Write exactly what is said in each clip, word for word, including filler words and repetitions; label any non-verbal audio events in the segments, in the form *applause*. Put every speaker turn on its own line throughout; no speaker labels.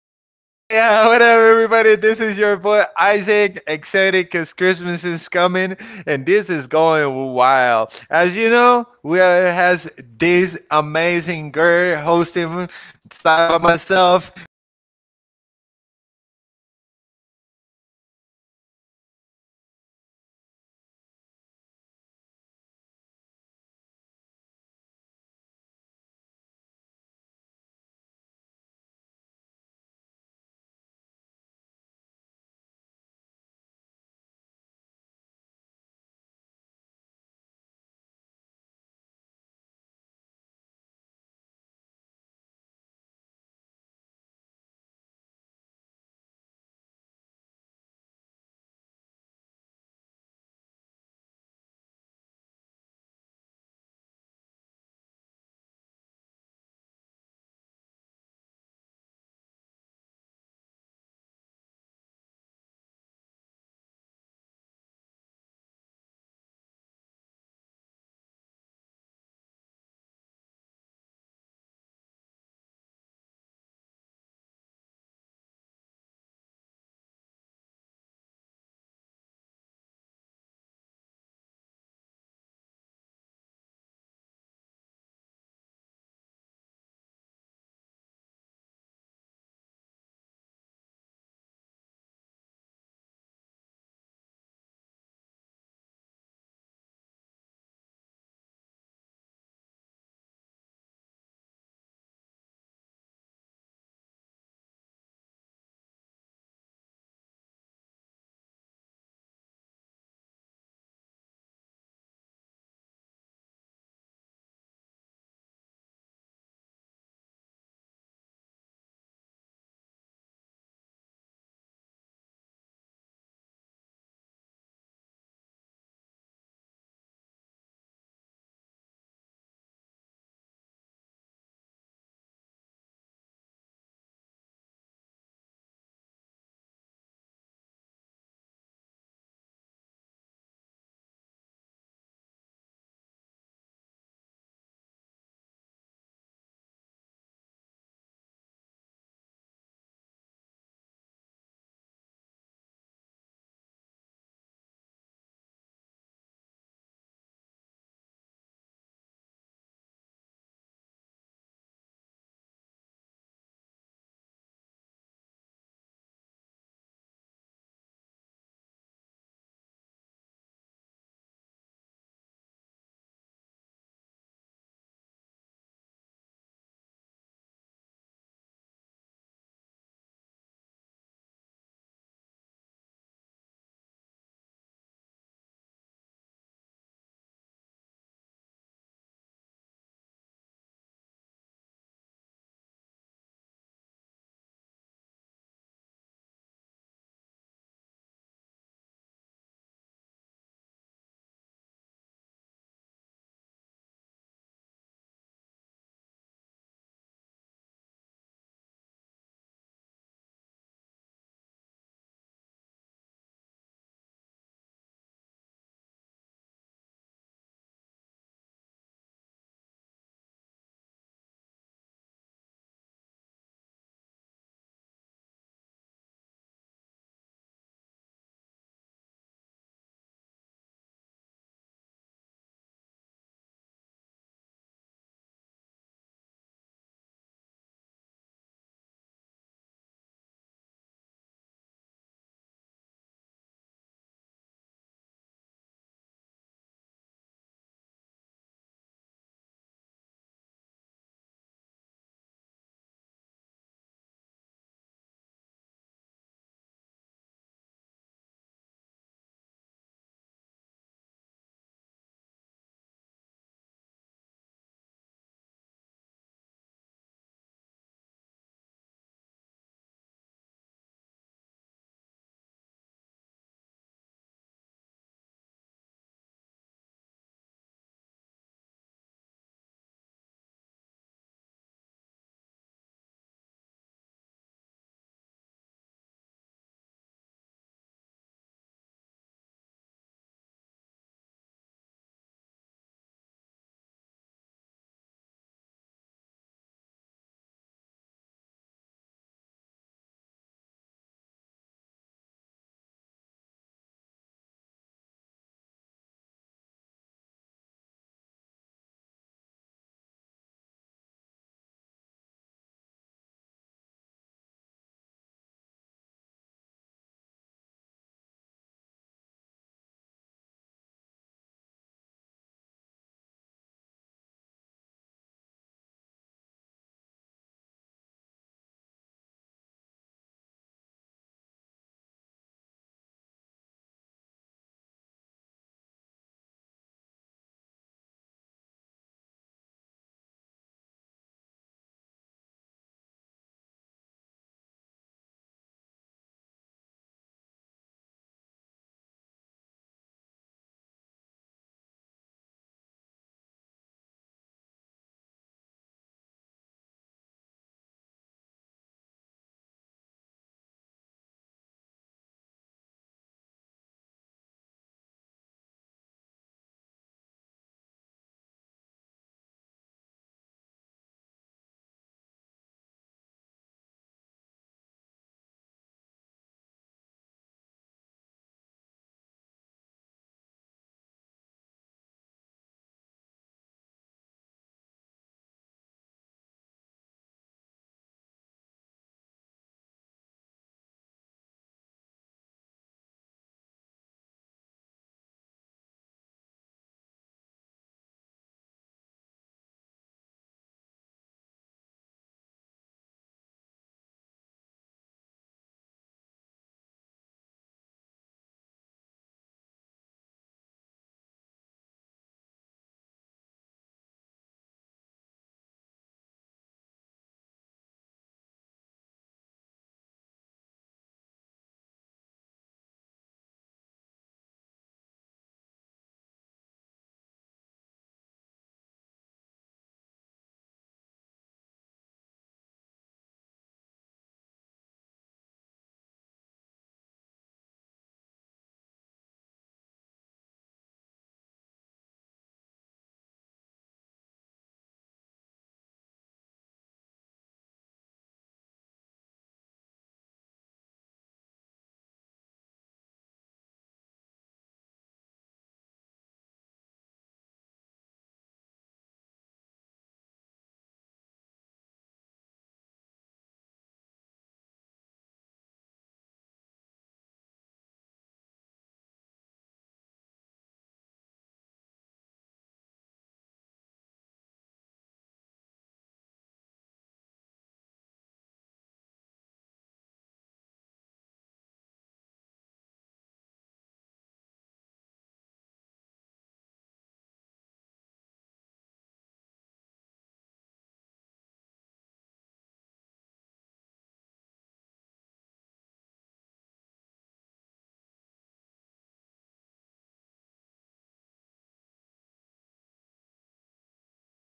*laughs* Yeah, yeah, what up, everybody? This is your boy Isaac, excited because Christmas is coming and this is going wild. As you know, we are, has this amazing girl hosting side by myself, which is
Hello, hi
Aleida.
everybody. How you guys doing? I hope you're doing good. I'm doing good though. How you doing, you Isaac?
I'm doing myself just phenomenal. You know, like feeling this energy, this Christmas energy. I woke up today in my mom's house already, everything done in the house with the Christmas decoration. So I was like, today is gonna be a good day because I'm just, I just want to go home, you know, and watching Home Alone. It's one of my favorite movies. Do you like Home Alone?
I do. I really like it. I enjoy his staying home alone. Yes,
Yeah, like that's that's super good. So let's get started. We have a wonderful topic for today. We're gonna be talking about sad things, happy things, and a lot of strange things. *laughs* But anyway, right, each part of the conversation, we're gonna be talking about dating someone. So, woo. So for starters, dating sa- someone for me, it's uh, it's something unique. Um, you meet with other people, but like uh, like, do you have experience dating someone, uh, my dear Aleida?
I do, boy. And well, there are a lot of experience that we can share in the past podcast with you. So let's go ahead and start it.
Yeah, let's get started. So, as things can go smooth and everything could go flawless, sometimes we have some fails. So, let's talk about that. But starting with, I think that we're gonna start like, where can you meet someone? Like, how do we start with this? Before the first date, where it's everything. Like, for me personally, I'm more of a in-person guy who likes to meet people like in person. Like that's how I get uh, someone's phone number, or something like that, like by meeting them in person. I'm very shy through social media. Like even though like you know I like social media, eh, I'm very shy. Like texting someone out of nowhere because I like their picture or something like that. I'm super super shy. But what about you, Aleida? Like what is like um uh, like how do you normally meet people?
Well, actually, like, um, I prefer like meeting people when I saw them like in social media. Still, I need to meet that people in person because what about if they are not the real person that I'm seeing in social media? So, um, I'm not shy in social media. I can talk with you about everything you asked me for, but it's different when we are in person because it's like I'm blank, my mind is blank, and I can even
Uh, uh,
imagine creating a conversation with you. And yeah, it's kind of weird.
yeah, it's the other way around with myself. Now, me, it's like through social media. I mean, if someone texts me, I text them them back, right? And I start the
Yeah.
conversation. But me studying, it's very difficult. I don't know. I'm super shy. I'm like, I believe if I text someone and it's because of my friends, they have like instilled this uh, with me. Like my girlfriends, they're like, you know what? This guy was texting me Okay, and and, and he's like a creep, and I'm like, yeah, I I feel like I don't know. I, I'm afraid of texting a girl, and they're gonna start saying something about me, *laughs* so I don't like that. Unless someone texting me back, uh, or sometimes it's just if I have friends in common that I
Yeah.
have asked them about this girl, like, hey, you know, yeah, like, how is she? Uh, she's pretty cool and all that. Is She's pretty open. Is she single? And then I start texting. Other than that, I don't do it because, like, it's just a fear I have. But, like, in person, I'm a pirate. I, I, I can't stop talking. *laughs*
Yeah, I know that.
*laughs*
I know you.
Yeah, it's like that's the reason why we have this podcast because we can stop talking. Yeah,
*laughs* *laughs*
you know what it is. So, um, Aleida, have you ever had any uh, like I would say like um catfish experience? What is this catfish, guys? As you know, it is pretty much someone pretending to be someone, but in reality, it's it's a fake profile either on Facebook, Instagram, or something like that. Have you ever had any uh, catfish experience?
Yeah, you know, it's kind of weird because I did not consider that like a catfish. However, the thing is that I started talking, like, just texting with a boy that I met like about four years ago, I think. And the thing is that when we start uh, texting us, it was like his profile looks pretty good, but we didn't met each other in person until.
But but like when you say like it, it did look good, w- what do you mean by that? Like like you did
Mm,
not see any red flag,
exactly, like the followers that he had, it was pretty good, and the following people that he had, it was like, oh, it's not too much, ladies, that's fine. And it was no profile picture, it was just like a um, just an image. I don't know what it was, I can't even remember that. But the thing is that um we start talking into in messages, and it was like a pretty good connection about topics and some things that it was that he had relationed with me. And um when we s- like try to meet each other in person, it was like when I saw him for the first time, it was like, oh man, this is not gonna be going good. It was a, a boy that I, I didn't like it too much. Well, I didn't like it, and still because my mind, it was already like, oh no, but he already know you. Uh, he already know about your topics. He already know what you're looking for and what you
the
like.
your likes and dislikes.
Exactly. So the thing is that I was like, well, I cannot turn back here, so let's go, let's do it. And eh,
But but no question. I okay, so I got it. So let me see. So you saw this guy's profile. Yep.
yes.
So did he have pictures like like of himself?
No, he did not.
But wh- I- like why did you d- continue with the conversation if he
I
didn't
mean,
have pictures?
because I know some friends for me that they
Uh, like
know
f
him.
friends in common.
Exactly.
Uh,
And I
okay.
and I like I asked him for I asked some people about him, and it was like people were saying, "Oh yeah, he's pretty, he's nice." And I was like, "Okay, I believe them." But then it was like, "Oh my God."
Okay, I see it. I see it. So I, I understand. So, but when you say, like, let's be super honest, let's open our heart. When you said that you met him in person, uh, you didn't like it because it wasn't the same as you were texting with him, or honestly, because it was not your type.
It was not my type. Definitely
Mm.
was not my type.
All right, but when talking, was it similar to the conversation you had? Like,
Mm, not really. It was totally different from texting and talking in person. It was totally different. He was not talking too much like in texting me, and it was like I need to ask a question so he can go ahead and start the conversation. I was like, that's not what I
oh,
thought.
mm, oh. All right. So here we have uh, like, r- and thank you so much, Alita, for opening your heart. So I think that we have a common factor over here that uh, th- this person, like, uh, through messages w was very open, like, uh, very talkative, let's say like this,
Yeah.
chatty, that you were like testing and all. But then in person, probably it wasn't that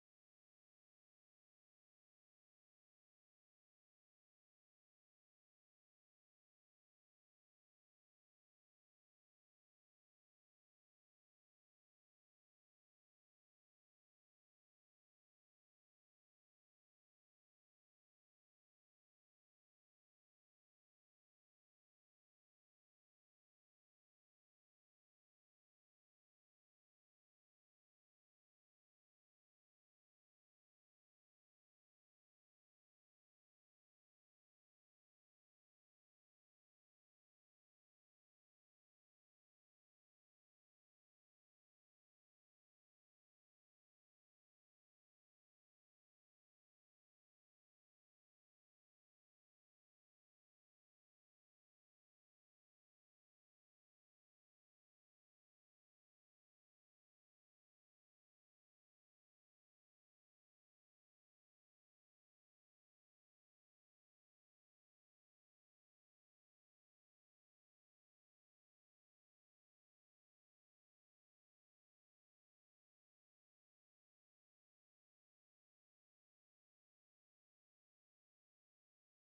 that it wasn't your type, but it wasn't what you're expecting. Sometimes it is about compensations, you know like probably wasn't your type, but the guy continued being a very nice guy, talking to you and being super friendly and all that. And you could have given a chance, like, um, yeah, okay, so not my type, but I love that he's treating me the same. I love, I have a very nice time, and I think that your experience right now would have been different. Like, you know, like I felt bad because he was a very nice guy, but like it wasn't my type. But now
Yeah.
you're like, I didn't like that at all. So, okay, interesting, pretty interesting. I liked it. Uh, have you ever heard about one of your friends having a catfish situation?
Mm, I don't think so. Yeah, I don't think that they are being having like a catfish. What about you?
Oh, yeah, I ha had many, but you know, I learned how to identify them. *laughs* Yeah, uh, it's like, a- and you were talking about something, right? So checking on the amount of followers and all that. So you know what I do? It, and what happened is this, right? So uh, I don't want to say that I'm the most handsome guy in the world or something like that. There's there's some aspect of myself that I believe that are attractive for some girls, right? So for starters, that I'm very tall, I'm six two, and uh, and some other stuff, you know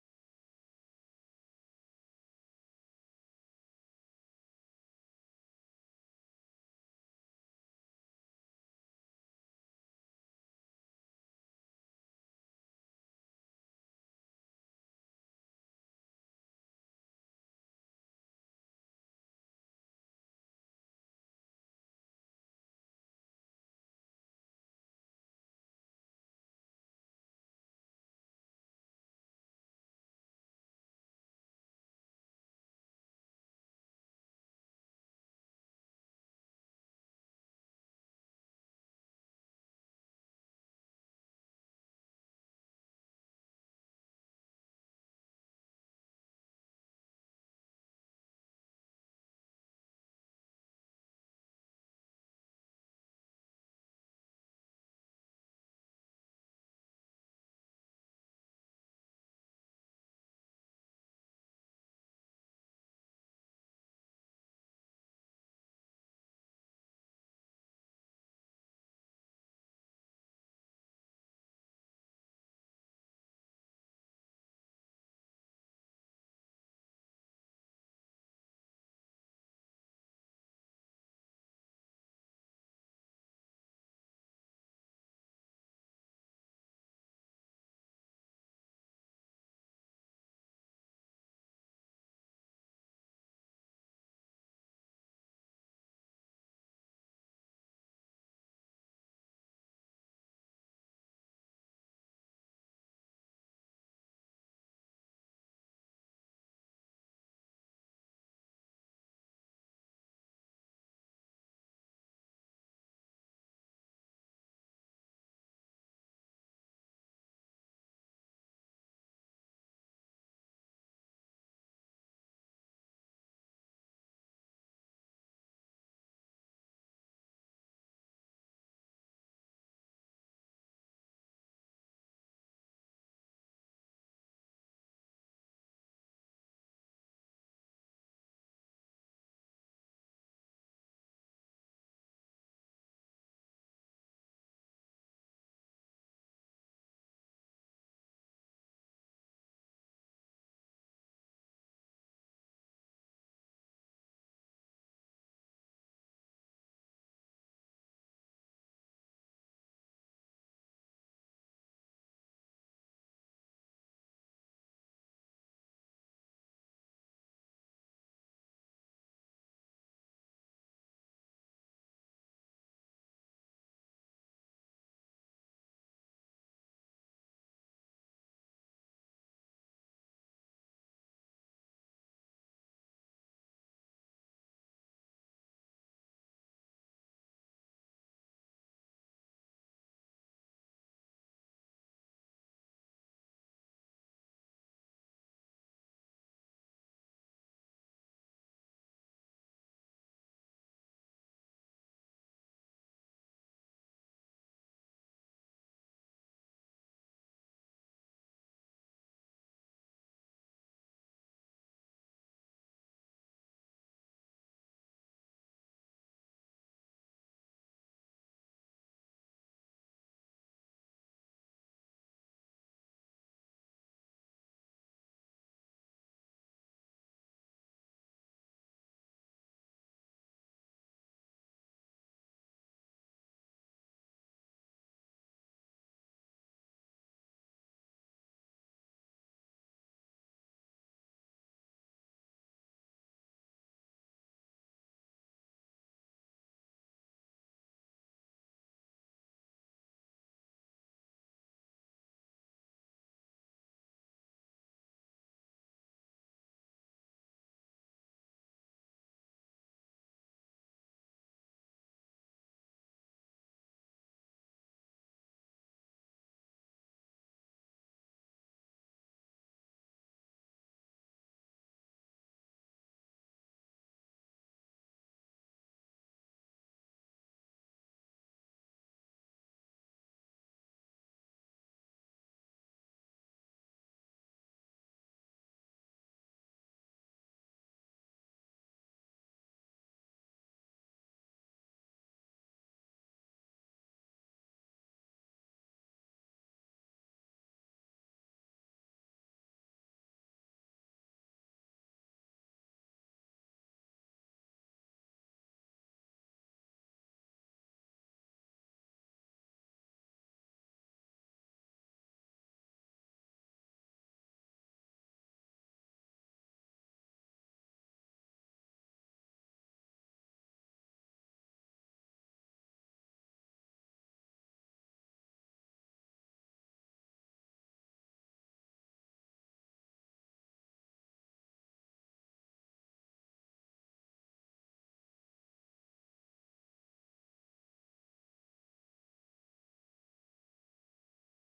so what happens is this, right? So um, there was a time that I had a job where I was very, um, I would say, open to a lot of people, and because of this, I remember that I have one once a person that told me, "Hey, I wanted to add you on Facebook. I wanted to friend you on
Hmm.
Facebook, but you did not accept me." So um, since my job it was to get along with people. So I started accepting everybody who sent me a, a friend request on
Yeah.
Facebook. So I started having this type of things. I remember that was uh, once I was walking in a mall and suddenly I got this friend request, and I accepted. I thought it was uh, uh, like one of the people that I used to like get involved with, right? And then suddenly I was like, "Hi," and I was like, "Hey, how you doing, my buddy?" And he was like, it it was like, "You're very tall," and I was like, "What?" *laughs*
*laughs*
Uh, I I'm sorry. Who are you? I, I don't remember you. I just saw you right now in the mall and you're very tall. And I was like, what? And I blocked it uh, right over it. Because, like, I mean, I believe that um, whenever you want to talk to someone, the first thing is you gotta be like, uh, like, like easy, right? Don't,
Yeah.
don't, uh, like, hold your horse or something like that. But also, I had like this um experience of someone texted me and it was like things I always check. Number one, followers or friends, if it is Facebook or Instagram. It has to be a reasonable amount. What would it be a reasonable amount for you on Instagram? How many? Would you
Mm,
say um, this is real?
I would say common friends.
Common friends. All right, I like that one. Uh, but you know, like uh, on Instagram, sometimes you see common friends, and you see like it's someone when you ask them, is like I just follow this
Yeah.
person. Yep. So another one, I always check on the pictures and I look for comments.
Oh, but what about if they have the, their profile like prepaid?
Uh, no, uh, what I'm saying there is I accept them. But
Oh,
I go and I check the pictures. If the
got it.
picture had comments, like for girls, you girls, you always compliment your your your your girls. So it's like, uh, let's say if I'm a girl and I uh, I post a picture, you're like, and you're my friend, and later you're like, oh, you're so cutie, and then another, oh my God, you look stunning, and so on, and and it comes with a bunch of comments. So
Yeah.
it is because they have a lot of friends.
So
So
yeah.
that's the first thing I check, and then if someone texts me, let's say that they don't have a lot of comments or they don't have comments at all, I'm like, nah, this is fake. And then
Yeah.
if they
*laughs*
text me and they start like, hey, hey, what are you doing? Like, like th- that. And I, one of the things that I always lied about when someone asks me, what are you doing? No, how are you? uh, Like, not how are you? It's like someone tells me uh, straight, what are you doing? I always say, I'm on my bed. Why? Because I know that someone is gonna be fake if directly they ask me, let me see. Yeah, and I don't know why people are like that straight to it. And um, and I learned this because I had had many situations. I remember that uh, once there was a, this girl texting me, and um, but it was like, uh, as you said, it wasn't pictures. It was like a, a, a girl picture on it, and it was beautiful. But f- for some reason, then the stories were like kind of pixeled and so on. And, and I was like, hmm, like mm, I know there are filters. I know that sometimes your phone, it's not like that, and so on. So I was like, hmm, uh, this is suspicious. And then when I was like, I was sending voice notes, you
Yes.
know, but she didn't like send me voice notes back. Never
Okay.
wanted to. And I was like, why? And then I was like, like suddenly like, hey, why don't we meet? And I was like, no, I can't because I work. Where do you work? Oh, over here, like I got a car. I can go and, and meet you there. Oh no, but you know, I like so. Uh, eventually, I found out that it, it was catfish. Yeah, it was another person pretending to be someone else. So I think that is very dangerous whenever you are trying to date someone, and you
Yes.
could get like, uh, I know for other friends that eh, some people they have asked for money, like they get too involved that they they create feelings and then they ask for money. Imagine?
Yeah.
Wow, that's super difficult. But anyways, let's say that everything goes perfect, okay? So, um, how long would it take for someone for you to accept them a date?
How long? Um,
Let's say uh, we have to be talking. I think we have to be talking for a week, two weeks, three weeks, a month, whatever you want. Like it's up to you.
I would say about mm every month or so.
A month
Yes.
before going out, just going out. I'm, I'm not saying that i- it's gonna invite you to his house or something like that. I'm just
But
saying just going out for a coffee
you're
or
you're
something.
saying just like going out just for
A
being
date?
friends?
N- A date.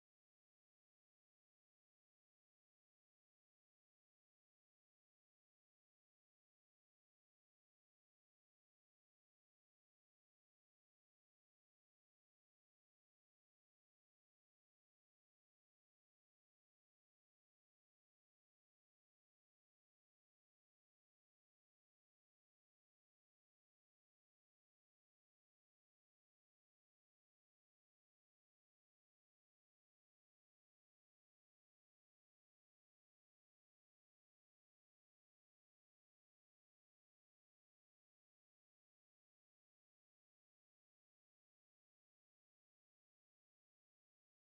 Oh, wow.
Uh, you know, like, like, Wait, hold on, hold on, hold on.
Okay. Uh,
Who asked you out just to be friends?
I don't know. Maybe some people out there. *laughs*
*laughs*
*laughs*
I believe that nobody e- like like I'm sorry, but like I learned this. So I learned this. Yeah, I have a lot of friends. I like a lot of girlfriends, and I remember that um, they're super nice. I met them all on social media, but I'm sorry, Aleida, but I don't understand women. Me. Why? And you're gonna say why? I said because for me, if someone sends me a friend request, I accept it l- gladly. Like, hey, she wants to be my friend.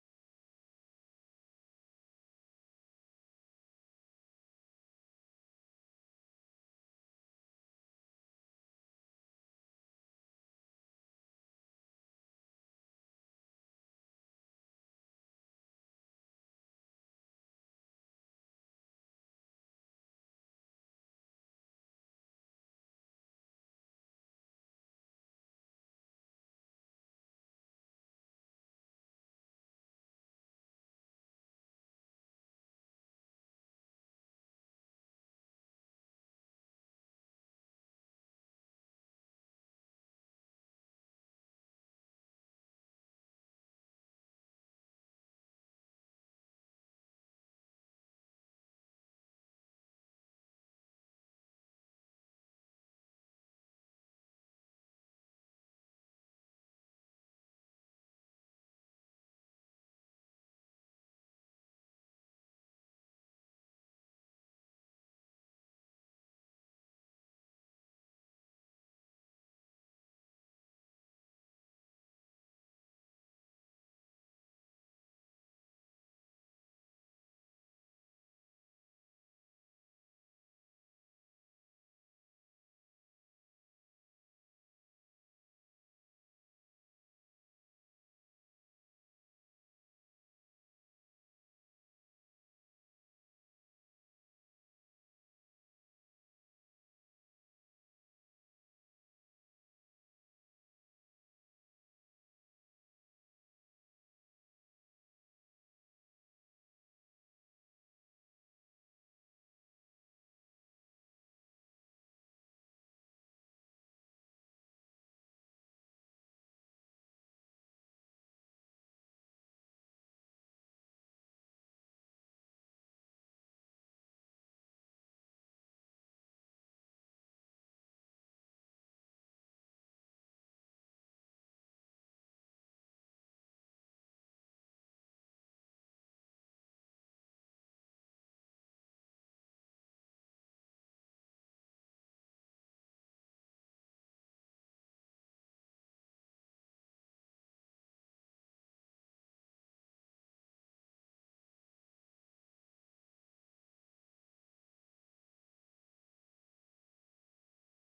And I have a lot of girlfriends, like a lot of friends and all that. And they they started texting me. Like there's girls they texted me and for me, I consider them a friend. Like like
Yes.
they're my friend, right? Something like that,
Okay.
right? You know, but but the thing is this, uh, uh with my ex-girlfriend, when she found out that I have a lot of friends, she told me nobody added you on Instagram just to be friends. And I was like, "What? Yeah, if this girl added you and texts you, it's not because she wants to be your friend." So Nobody's gonna tell you and add you out of nowhere just to be friends. I don't know. All right, so yeah. Oh, you think so?
No, I don't think so.
Uh, so, *laughs* ha ha! There you go. Right? So, but what do you think? How long would it take for someone like uh, to ask you out, like, and you accept? Because,
*laughs*
and let's be honest, right? I mean, sometimes we invite girls, and the first time they say, "No, I'm busy," and you know
Yes.
that they're not busy. But then
Yes, we
you say,
are.
"Uh
*laughs*
huh, yeah." But how long would it take to someone uh, to invite you out?
Well, to be honest with you, Isaac, I will say that if the connection is good with that peop with that person and you're feeling that it's gonna be like a good time with him or with her, uh, uh, let's pretend one week or two. Two weeks,
Yeah,
two
I,
weeks.
I think that it's reasonable. I, I mean, that's reasonable. If you uh, start talking to someone for more than a week, I believe that that person uh, doesn't want just to go out with you just because,
Yeah.
or or is just looking for something else, not only for you to be your uh, like like ask you out and see if you can become girlfriend and boyfriend. So I believe that, yep, uh, I would say that that's very reasonable. I believe that is a red flag. I don't know, you you tell me, but I believe that is kind of a red flag if you start talking to someone right now and at night is telling you like, could we go out? What do you think? Do you think that is that a red flag? Like if someone the s- same day you meet this person on social media invites you out?
Yeah, because you don't know that people yet. And you want to be with, like, at least texting with that person and make sure that that will be a, like, a person that you can trust, and,
Mm.
and you're not going to be like a catfish, as we were
Mm.
mentioned before. So I would say, like, if someone invites me and the first day we are talking or we are texting,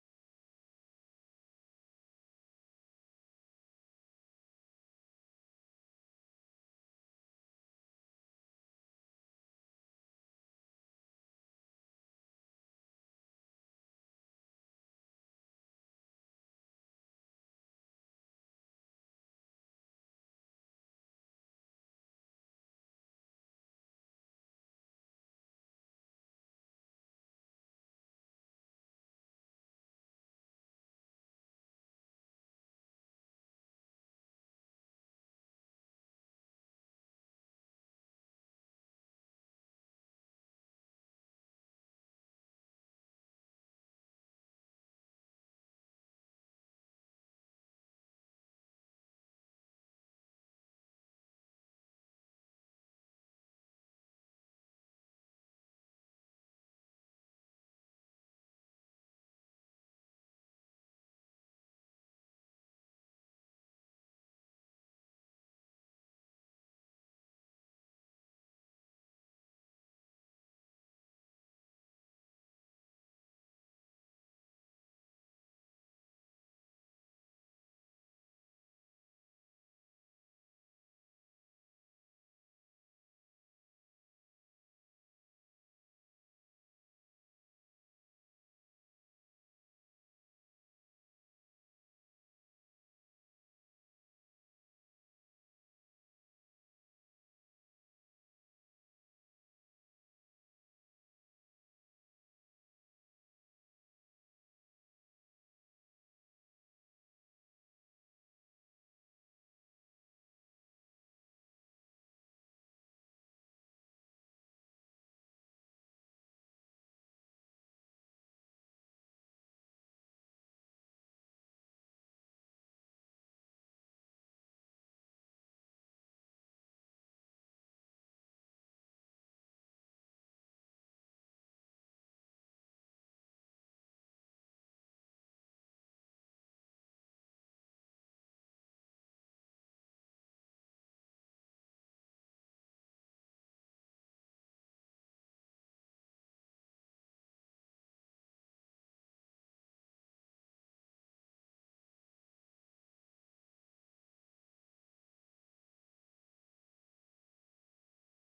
I would say no because I mean there is still no one day that we are texting us. Why you wanna ask me on a day? Let's wait a little bit more, but
Mhm.
not on the first day.
Yeah, that's what I believe. I think that uh, dating is an art. Like going out is just
Yeah.
not saying, yeah, let's go and that's it. It is that it you have to plan. Like if you really are like into like interested or something like that and and you really want to like meet someone, then what you do is that you put some effort. Like if I'm talking to someone after a week, I will invite this person to a beautiful place because
Yeah.
I I know now their likes and dislikes, right? That's what I normally do. Um, and it takes me about two weeks, one week, but it's because I really want something good, you know, like it's super beautiful meeting other people and yeah, but what about what is the most, uh, let, let's be honest over here, the most beautiful date that you have ever had?
Oh boy, let's go ahead and see. Let let me remind me a little bit. I, *laughs* I'm, I'm just kidding.
Oh
*laughs*
my God. *laughs*
I remember that. Um, and it. I'm just want to clarify something. Do ask me like the just a date with a something like more than like a friend or in
date
general.
i- it could be your boyfriend, it could be uh, just the first date you have with someone, whatever, but the the best date you have ever had so far, uh, you can say it was memorable because my boyfriend asked me if I wanted to be her girlfriend, or I don't know, whatever you want. And here, like, if it was another one, it's okay. It is because the guy invited you, I don't know, to uh the beach with the sun setting and put a lot of effort, or or I don't know, whatever, what
Yeah.
it's been.
So I remember that it was one day that I um a boy came to my house, and it was like where what we are gonna do it. It was my question, what we are gonna do? And it was like, just worry about that, we are gonna see that. And then
So it
he,
was a surprise.
yes,
Oh,
it was.
whoa.
So when we like went to that place, it was like a little uh garden in front of the lake, and it
Wow.
was like a little picnic he had prepared for me.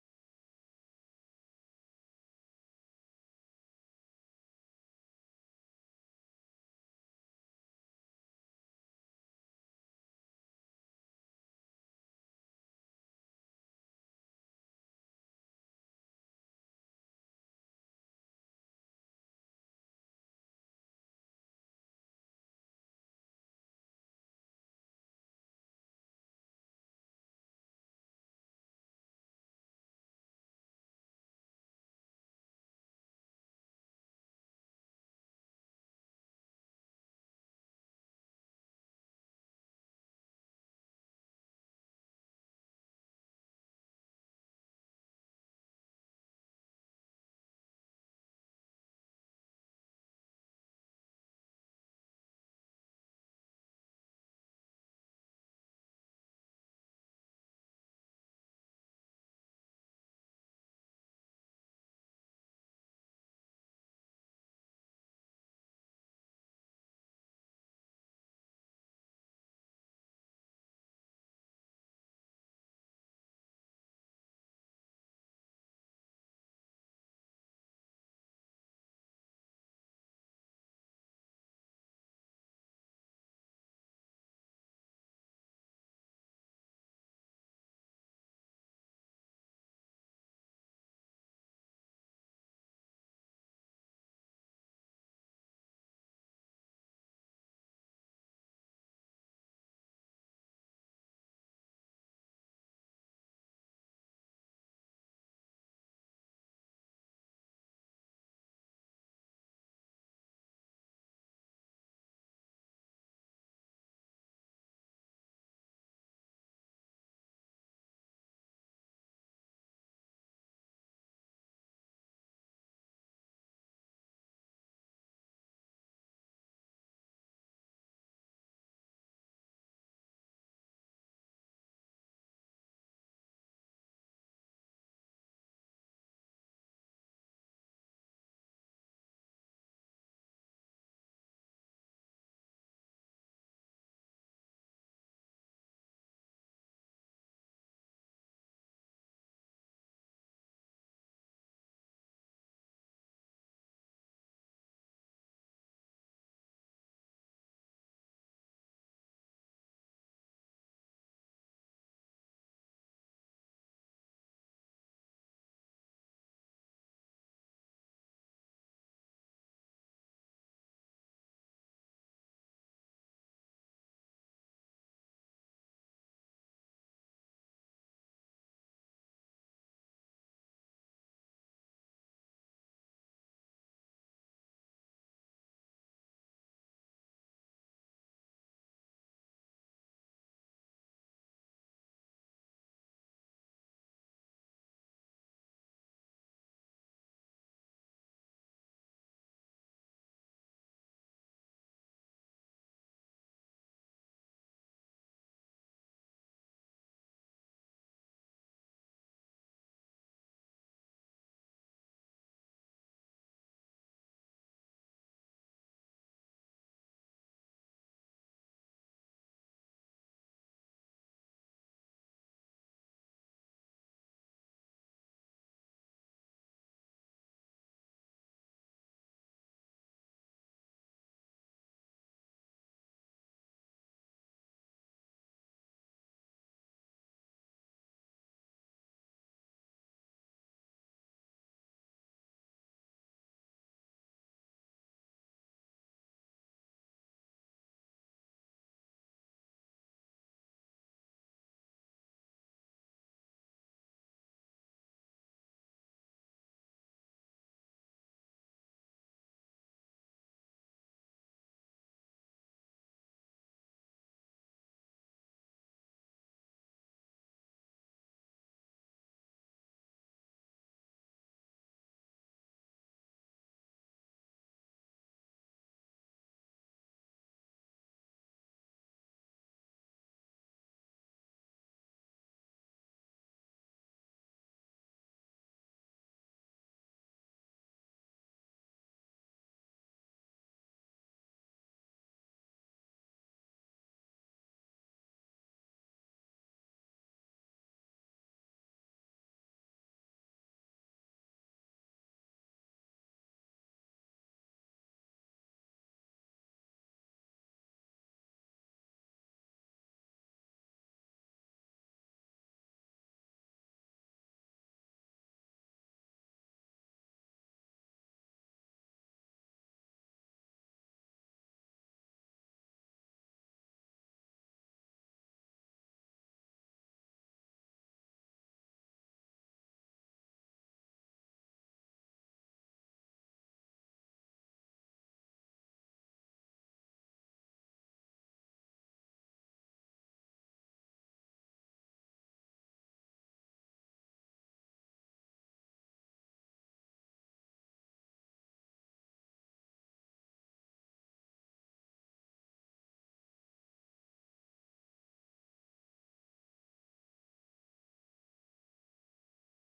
And
Eh, well, I, I'm sorry to cut you off. Uh, Aleida told us in another uh, podcast that she
*laughs*
likes gardenings and picnics. So the, gu-
yeah.
this guy paid attention to you, knew
Yes.
you liked it, and invited you to a picnic?
Yeah. *laughs*
Wow. Okay,
Yeah,
go on,
that's
go on.
that's why it was my favorite day, but I remember that it was pretty good. It was like the most uh, uh, beautiful day that I haven't been in my whole life, because it was like that that boy was a gentleman. It was like giving me the princess treatment I wanna have. And um I would say like staying there in that part, like doing the things that I want to do, being with the person that I want to be, it was one of the most memorable thing that it came to my heart and stays there. Because I mean, who is gonna pay you too much attention to do that thing that you want to have? So it was a pretty good day, and yeah, I can even forget it in my whole life.
Y-
*laughs*
Yeah, that's what it is, right? So that's super good whenever someone pays attention to you, whenever whenever someone knows what you like, and and, and that's super good because you're looking for someone who is gonna pay attention, who's
Right.
not gonna tell you and take you whatever this person wants, but what when whatever you also wanna be. So that's super good. And then the treatment, obviously, because sometimes you could have a good date, like the place but the situation, what you speak, what you do, and all that does not match with the mood. Let's say it
Yeah.
like that, right? Yeah, me, Talking about it, wow. Um, I don't know. I, I I I've been to many places. Probably it was like uh, I invited this girl to a restaurant. She's like someone who likes the beach, so I knew it. She liked it, and she was like, um, I always wanted to be like in front of the beach. So it was this really nice restaurant, uh, by the place I live that it was like they had like um I don't know, I don't, what you might call it, but it was like one area of the restaurant that it was like a like a port. So you walk down some stairs and then you were going to be in the middle, not in the middle, but like uh, by the seashore, and you could eat there and you could see the sunset right in front of you, some waves hitting down, and then
Yeah.
when the soul when when when this all of this, um y- you feel like your soul it's being there and also enjoying, and the sun went down with the sunset, and on your left side you have the port it, like this is where the ships they come to the country, and they like they turn on the lights and you could see all of those lights. So it is something beautiful because you see the shadows, you see everything. So that was pretty much the date. I put in like the most effort I could, and I mean I think that she would never forget that date. Yeah.
I rem I remember you mentioned in, in a podcast before that you enjoy taking pictures. Did you really like make sure that you took those pictures in the golden hour for her?
Of course, of course. Yeah, it, that's another one. Um, it's like that's a, a gentleman treatment, right? So that, that
Yeah.
you have to give it to someone, and the priest's treatment someone else is gonna receive. So yeah, of course I did it. You know, like um, I like to always have a good phone, so like I can I can do it and take pictures and they just like that share it and enjoy those moments. So those like I believe that your date and my date it's been just phenomenal. Now here comes the question: Have you ever had a bad date?
Mm, yes, I did. You know,
Uh,
oh, le- let's start this. So, *laughs*
uh, *laughs* okay.
the thing is that um, it was uh, actually my boyfriend at that time. Um, I was studying and being working here, and the thing is that he was studying at that time. The th- but every time that I wanna go for a date, like, hey, let's go ahead and sell me some pizza, let's say, just it's something like it's not gonna be as expensive, okay? So it was like, yeah, let's go ahead and do it. And when we are there in the place already, it was like, oh, okay, we already ate that, but now it's time to pay. And it was like, oh, but I don't have money. And I was like, is it for
Uh,
real? And I was like, okay, I- I'll pay, I'll pay it. And then it, I give it a chance. And I, it was another date, one more time. It was, oh, but I cannot because I don't have that money for that. And I was like, oh my God, let's go
s-
ahead and do
So
it one
did,
more
but,
time.
but but but hold on, right? Was he inviting you out? Uh, it was.
Yes, yes, he did. And
Wow.
I was like, oh, okay, this is not what I'm gonna
Ooh.
do. I wanna return back to my home.
Uh,
*laughs*
Wow, wow, that's that's super like like, wow. Yeah, I mean, I believe that sometimes um in a date, like, if of course you guys talk, right? Let's say it, I could invite you out,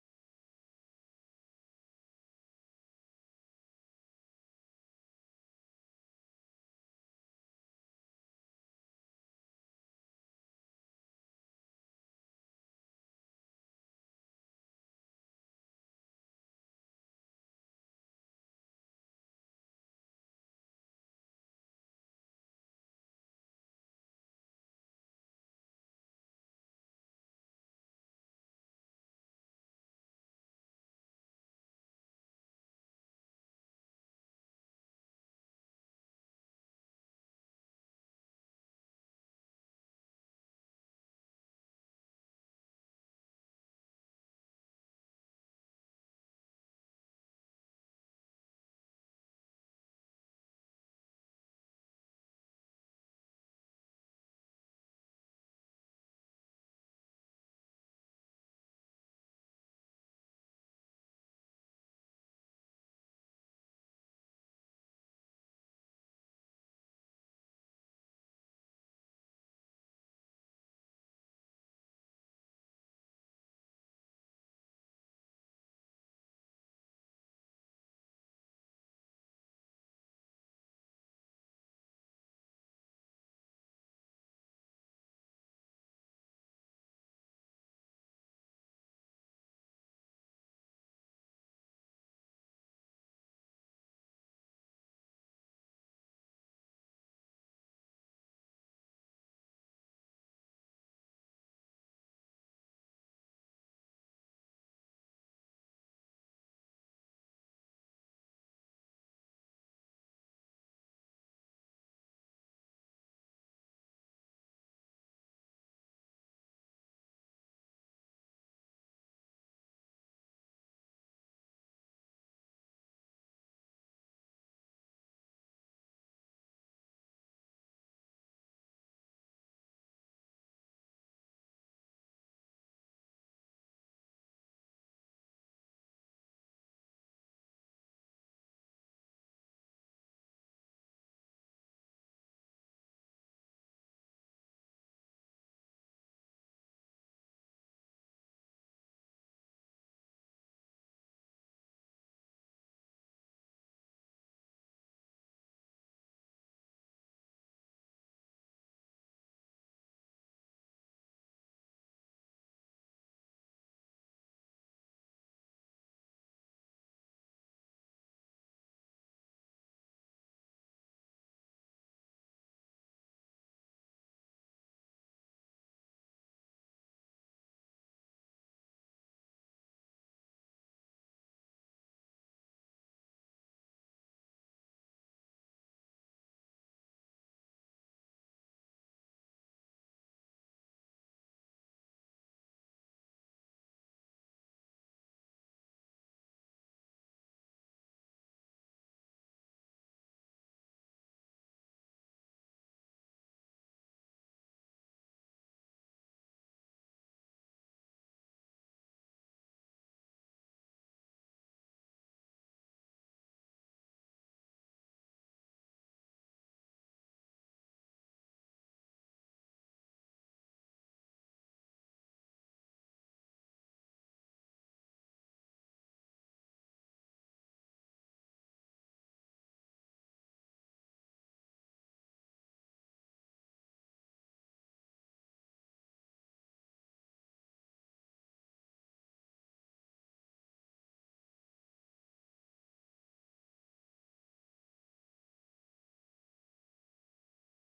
and if I'm telling you let's go, I will pay because I'm telling you to go out.
Right.
So
Correct.
uh, then you can tell me, yo, Isaac, why don't we go to this place? And I'm like, you know, I'm short right now. Um, like, I don't have a lot of money. And then you tell me, if you want to, we can pay fifty-fifty. You are telling me. But if I invite you out and then I tell you that I don't have money, wow, that's a that that's
A
a red
big,
flag, sis.
a big red flag.
Yeah, and I know, and and I know that you were saying and adding that he wasn't working, uh, but if you're not working, then you're not gonna be inviting people out because you know that you don't have money. You could do
Correct.
something else. You can cook for this person, something simple, something basic. And I think that that's something that you will keep in your heart because you said, I know that this person doesn't have money, but is doing the best he could so he could treat me uh, very well. So that's super
Right.
nice. Yeah, you know, like uh, going on my experience of a bad date, it was my girlfriend at that time as well. And I remember that it was her birthday. Yep. So I wanted, I did not have a good job, and I wanted to buy her something very expensive. So I did not have money, right? So I talked to her best friend and she told me, uh, she, lad, she likes uh, band shoes. And I remembered that I took her best friend with me. I had to pay everything, of course, right? And she helped me buying some shoes that they were expensive at that time, right? And she was
Mm-hmm.
like, you know, she's gonna love this, uh, bro. For real, you're doing something phenomenal. Nobody has done uh, something like this for her. She was like that. She was like, she was helping me. So you know, like when you do something like that, you know that it's gonna be good. Yep.
Right.
So I bought her flowers and everything, and I invited her to go out, right? So when we were about uh, to leave, yeah, I remember that she told me like, uh, uh, we cannot go out anymore, and I was like, wait, what? No, we cannot go out, and I was like, why? No, I don't feel like going out, and I was like, ah, all right, let's ask for some food. Yeah, uh, what do you think? Okay, what do you want? Okay, I order food. Okay, okay, we're not gonna. uh, And then it was a date at home, basically, right in her house. And then when I gave her the gift, the shoes, she looked at them and she was like, mm, she was like,
*laughs*
I don't like them. And I was like, what are you telling me? She told me that she didn't like it. I mean, she could have lied, like, you know, this is not my size, I
Yeah,
don't know, something else, whatever you want. But she told me right straight, I don't like them.
that was
And
true.
and you know what she told me? Because I told her, hey, but I was asking other people and they said that they were very nice, they were very good. And she was like, you could have given me the money and I could have buy some other shoes. And I was like, what? Hey, that broke my heart in pieces. I felt terrible. I wanted to cry. I was just like, uh, no worries. Um, let me go next week and I will change it. Just tell me what you want and I'll change it. And and that's how someone changes. Yeah. So, well, hey, this time flew by and
And
we're gonna have a
*laughs*
second part. So stay tuned. This was very good, and this was your boy Isaac with Aleida in the house. Thank you, Aleida.
thank you, Isaac. Thank you, people, for being here. Remember, texting a meme isn't the same as asking someone out, but it might make, make them laugh. So, catch you next time. Happy
Yes,
dating.
yeah.